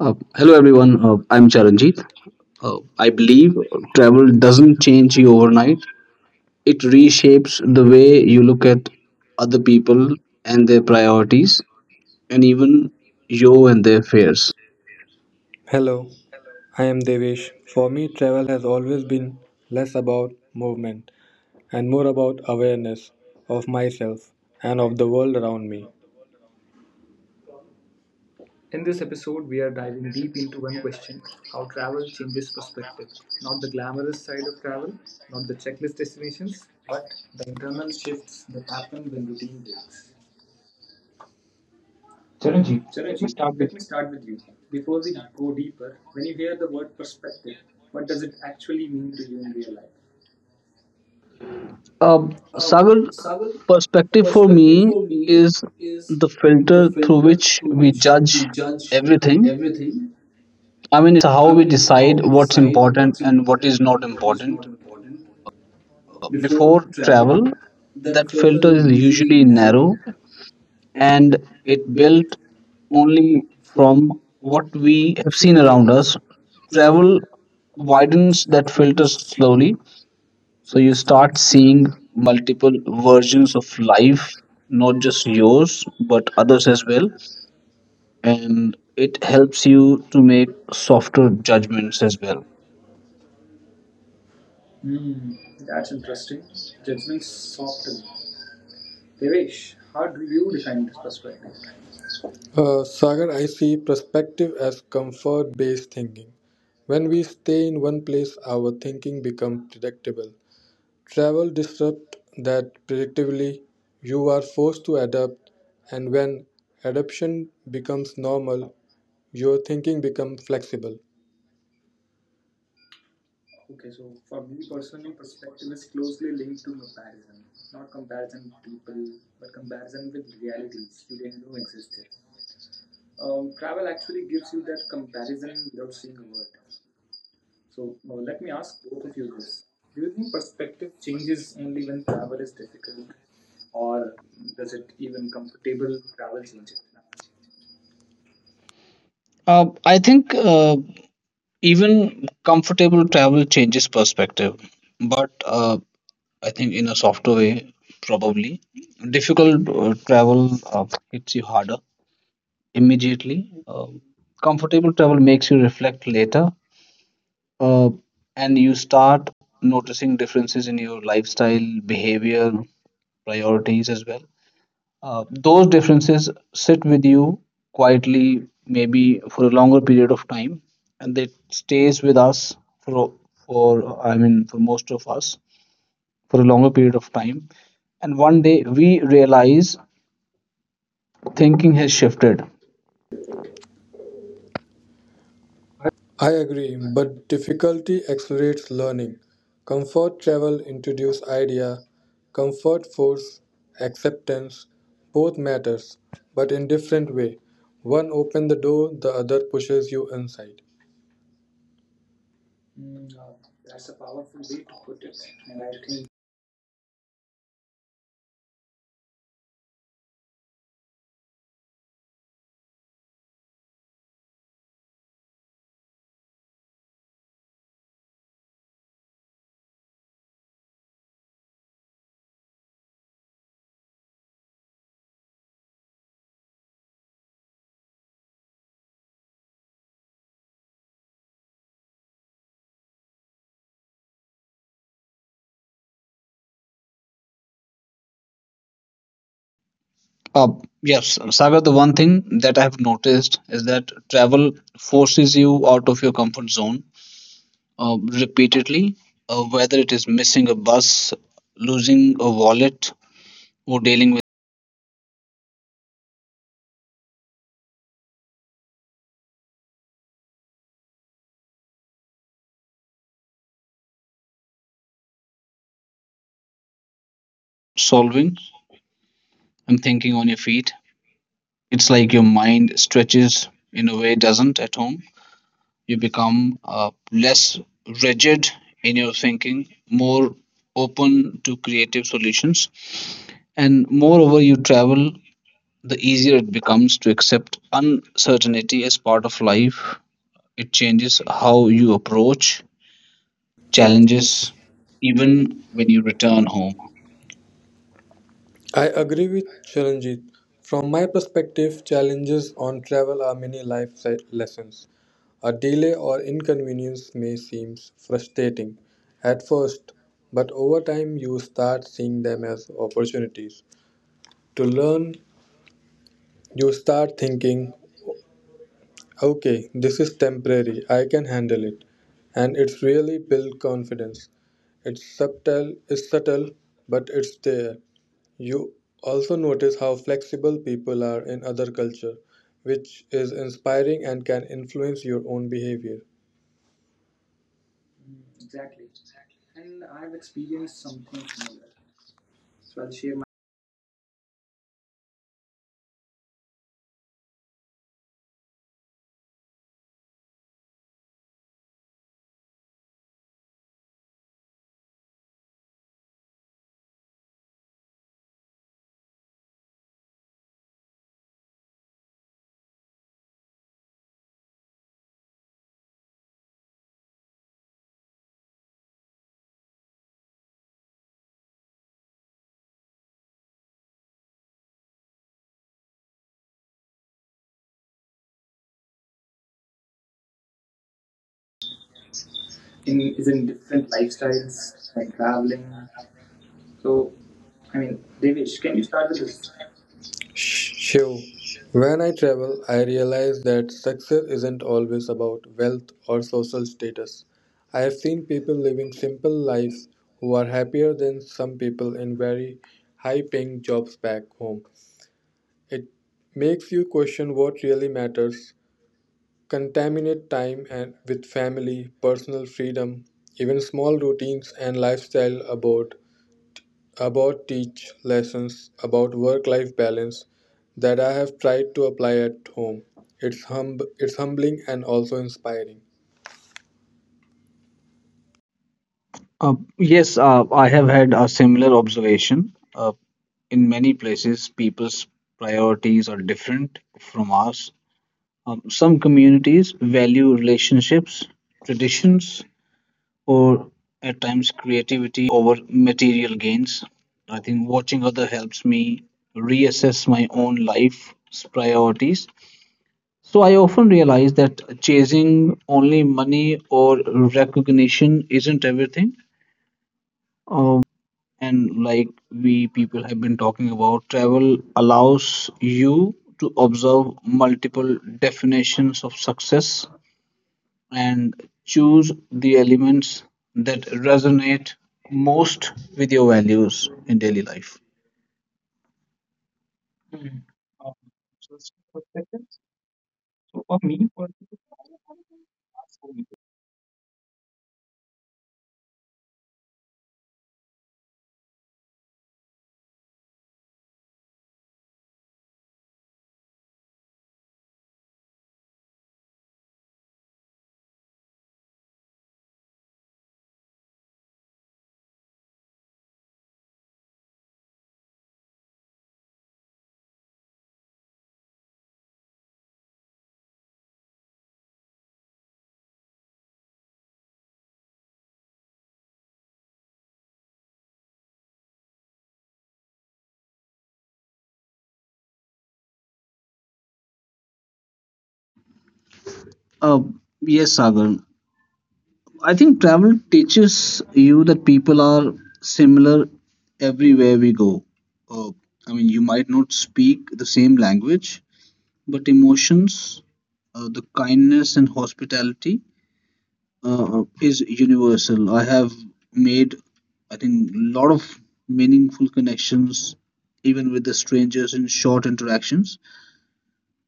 Hello Hello everyone, everyone, I'm I'm Charanjit. Charanjit. I I believe believe travel travel doesn't doesn't change change you you overnight. overnight. It It reshapes reshapes the the way way you you look look at at other other people people and and their their priorities, priorities, and and even even you you and and their their fears. fears. Hello, I am Devesh. For me, travel has always been less about movement and more about awareness of myself and of the world around me. Uh, Sagar, Sagar, perspective for perspective me for me is is the the filter through filter which through we which judge we judge everything. everything. I mean, how I we mean, it's how decide we what's decide important what's and what is important not and what is not important. important. Before Before travel, travel, that that filter filter is is usually usually narrow narrow and and it it built built only only from from what what we we have have seen seen around around us. us. Travel Travel widens widens that that filter filter slowly, slowly, so so you you start start seeing seeing multiple multiple versions versions of of life, life, not not just just yours, yours, but but others others as as well. well, and And it it helps helps you you to to make make softer softer judgments judgments as as well. well. Sagar, I see perspective as comfort based thinking. When we stay in one place, our thinking becomes predictable. Travel disrupts that predictably. You are forced to adapt, and when adaptation becomes normal, your thinking becomes flexible. I think even comfortable travel changes perspective, but I think in a softer way, probably. Difficult travel hits you harder immediately. Comfortable travel makes you reflect later, uh, and you start noticing differences in your lifestyle, behavior, priorities as well. Those differences sit with you quietly, maybe for a longer period of time, and it stays with us for for I mean for most of us for a longer period of time. And one day we realize thinking has shifted. I agree, but difficulty accelerates learning. Comfort travel introduce idea, comfort force acceptance, both matters, but in different way. One open the door, the other pushes you inside. Uh, yes, Sagar, the one thing that I have noticed is that travel forces you out of your comfort zone repeatedly, whether it is missing a bus, losing a wallet, or dealing with solving and thinking on your feet. It's like your mind stretches in a way it doesn't at home. You become less rigid in your thinking, more open to creative solutions. And moreover, you travel, the easier it becomes to accept uncertainty as part of life. It changes how you approach challenges, Challenges, even even when when you you return return home. home. I agree with Sharanjit. From my perspective, challenges on travel are many lessons. A delay or inconvenience may seem frustrating at first, but over time you start seeing them as opportunities. To learn, you start thinking, okay, this is temporary. I can handle it. And it's really build confidence. It's subtle, but it's there. You also notice how flexible people are in other culture, which is inspiring and can influence your own behavior. Shiv, when I travel, I realize that success isn't always about wealth or social status. I have seen people living simple lives who are happier than some people in very high paying jobs back home. It makes you question what really matters. Contaminate time and with family, personal freedom, even small routines and lifestyle abroad about teach lessons about work life balance that I have tried to apply at home. It's humbling and also inspiring. Yes, I have had a similar observation. In many places, people's priorities are different from ours. Some communities value relationships, traditions, or at times creativity over material gains. I think watching other helps me reassess my own life's priorities. So I often realize that chasing only money or recognition isn't everything. Um, and like we people have been talking about, travel allows you to observe multiple definitions of success and choose the elements that resonate most with your values in daily life. Uh, yes, Sagar. I think travel teaches you that people are similar everywhere we go. Uh, I mean, you might not speak the same language, but emotions, the kindness and hospitality is universal. I have made, I think, a lot of meaningful connections, even with the strangers in short interactions,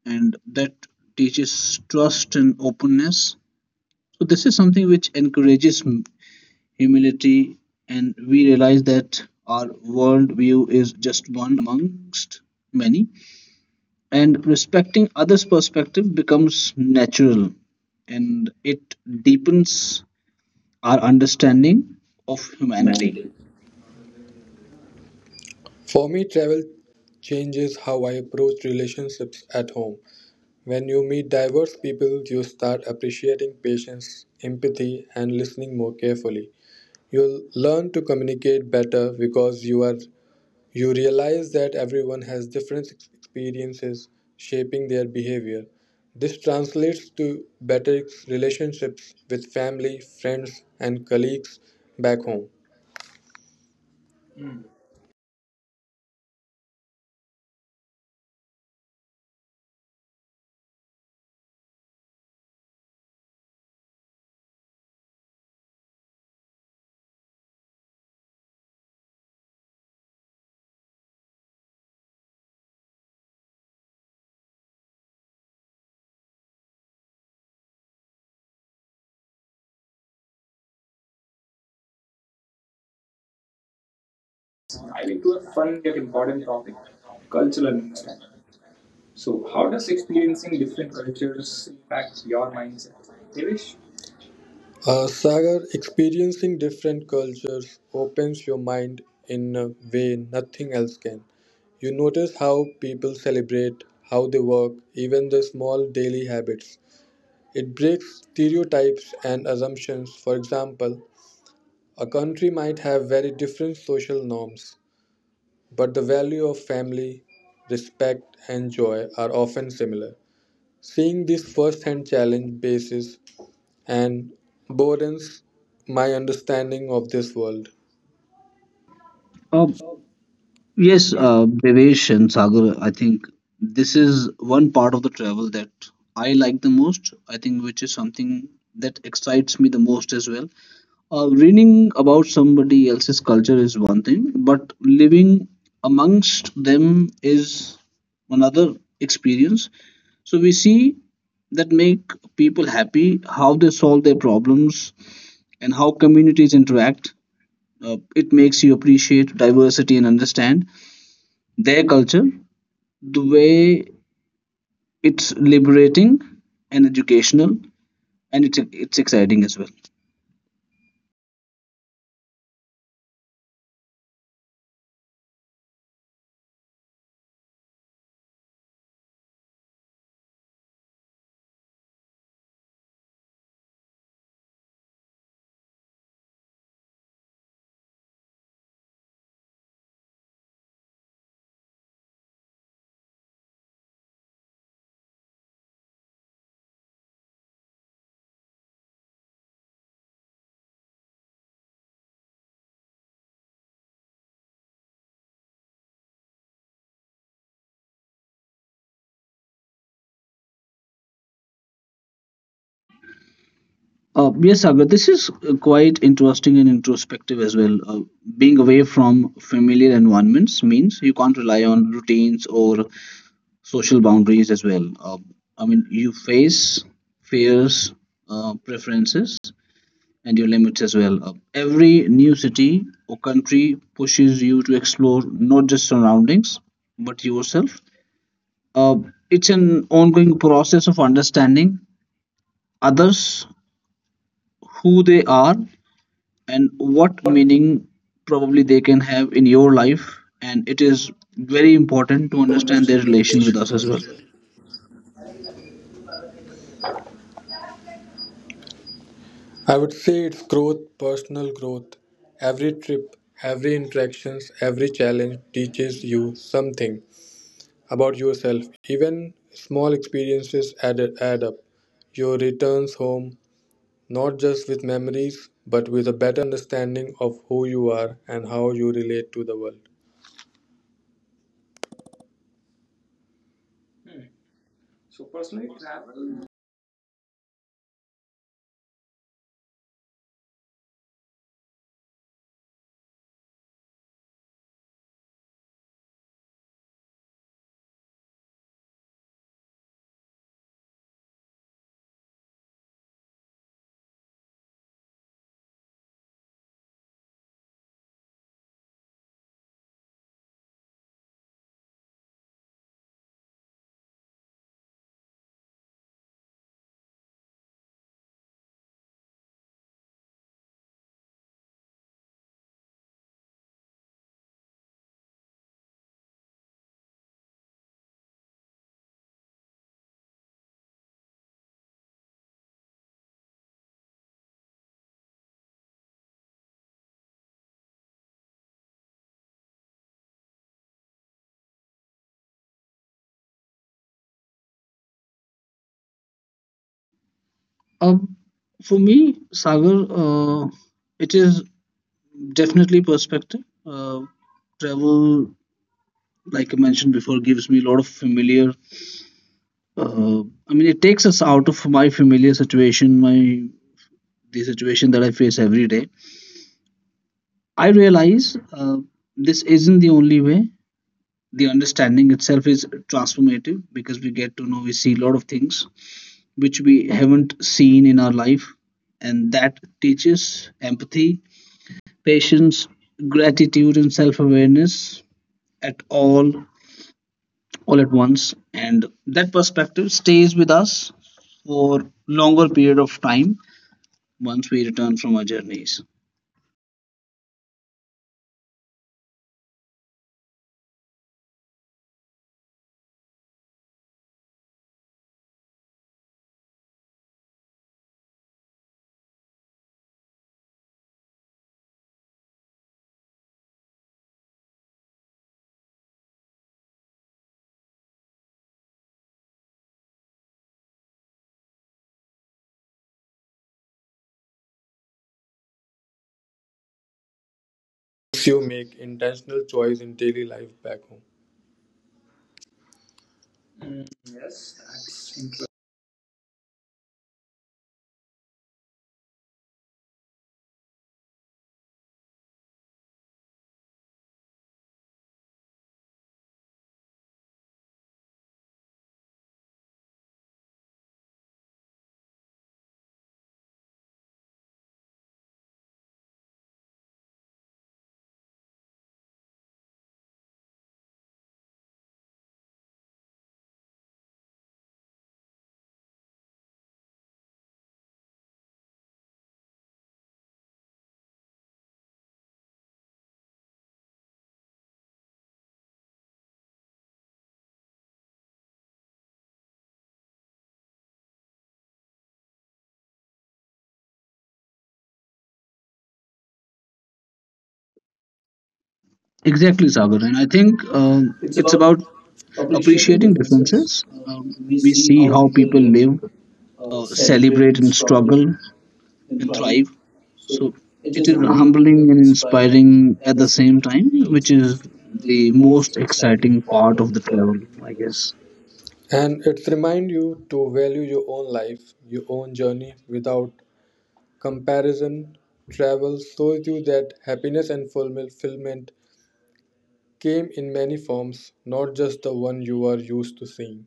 and that teaches trust and openness. So, this is something which encourages humility, and we realize that our world view is just one amongst many. And respecting others' perspective becomes natural, and it deepens our understanding of humanity. Humanity. For me, travel changes how I approach relationships at home. When you meet diverse people, you start appreciating patience, empathy, and listening more carefully. You'll learn to communicate better because you realize that everyone has different experiences shaping their behavior. This translates to better relationships with family, friends, and colleagues back home. Sagar, experiencing different cultures opens your mind in a way nothing else can. You notice how people celebrate, how they work, even the small daily habits. It breaks stereotypes and assumptions. For example, a country might have very different social norms, but the value of family, respect, and joy are often similar. Seeing this first-hand challenge basis and broadens my understanding of this world. uh, yes. Devesh and Sagar, I think this is one part of the travel that I like the most, I think, which is something that excites me the most as well. Reading about somebody else's culture is one thing, but living amongst them is another experience. So we see that make people happy, how they solve their problems, and how communities interact. It makes you appreciate diversity and understand their culture, the way it's liberating and educational, and it's exciting as well. Yes, Sagar, this is quite interesting and introspective as well. Being away from familiar environments means you can't rely on routines or social boundaries as well. I mean, you face fears, preferences, and your limits as well. Every new city or country pushes you to explore not just surroundings, but yourself. Uh, it's an ongoing process of understanding others who they are and what meaning probably they can have in your life, and it is very important to understand their Understand, in relation with relation us to as what? well. is, I would say, it's growth, personal growth. Every trip, every interactions, every challenge teaches you something about yourself. Even small experiences add up. Your returns home not just with memories, but with a better understanding of who you are and how you relate to the world. So, personally, travel um, for me, Sagar, uh, it is definitely perspective. uh, Travel, like I mentioned before, gives me a lot of familiar, uh, I mean, it takes us out of my familiar situation, my the situation that I face every day. I realize, uh, this isn't the only way. The understanding itself is transformative, because we get to know, we see a lot of things which we haven't seen in our life, and that teaches empathy, patience, gratitude, and self-awareness at all at once. And that perspective stays with us for longer period of time once we return from our journeys. makes you make intentional choice in daily life back home. Exactly, Sagar. And I think It's it's about about appreciating appreciating differences. differences. Um, we We see see how how people people live, live, celebrate, celebrate and and struggle, struggle and and thrive. thrive. So So it it is is humbling humbling and and inspiring inspiring at at the the same same time, time, which which is is the the most most exciting exciting part part of of the the travel, travel, I I guess. guess. And it reminds you to value your own life, your own journey without comparison. Travel shows you that happiness and fulfillment came in many forms, not just the one you are used to seeing.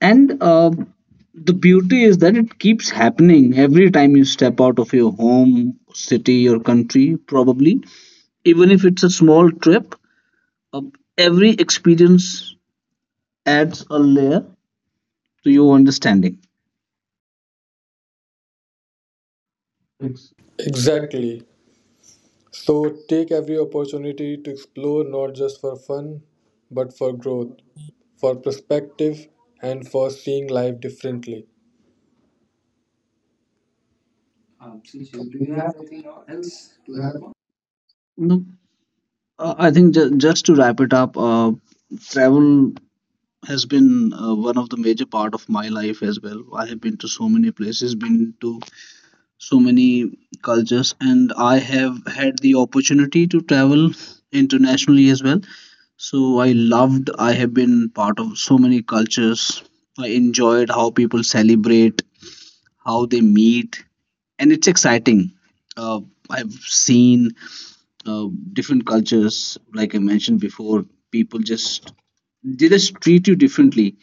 And the beauty is that it keeps happening every time you step out of your home, city, or country, probably. Even if it's a small trip, uh, every experience adds a layer to your understanding. Exactly. So take every opportunity to explore, not just for fun, but for growth, for perspective, and for seeing life differently. No. I think just to wrap it up, travel has been one of the major part of my life as well. I have been to so many places, been to so many cultures, and I have had the opportunity to travel internationally as well. So I have been part of so many cultures. I enjoyed how people celebrate, how they meet, and it's exciting. uh, I've seen uh, different cultures. Like I mentioned before, people just they just treat you differently.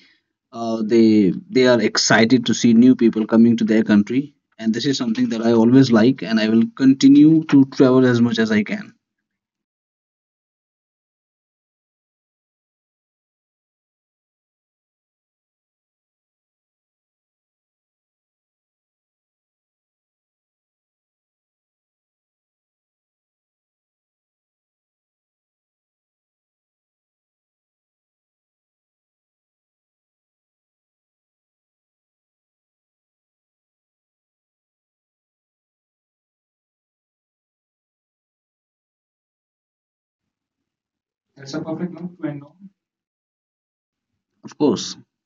They are excited to see new people coming to their country, and this is something that I always like, and I will continue to travel as much as I can, of course.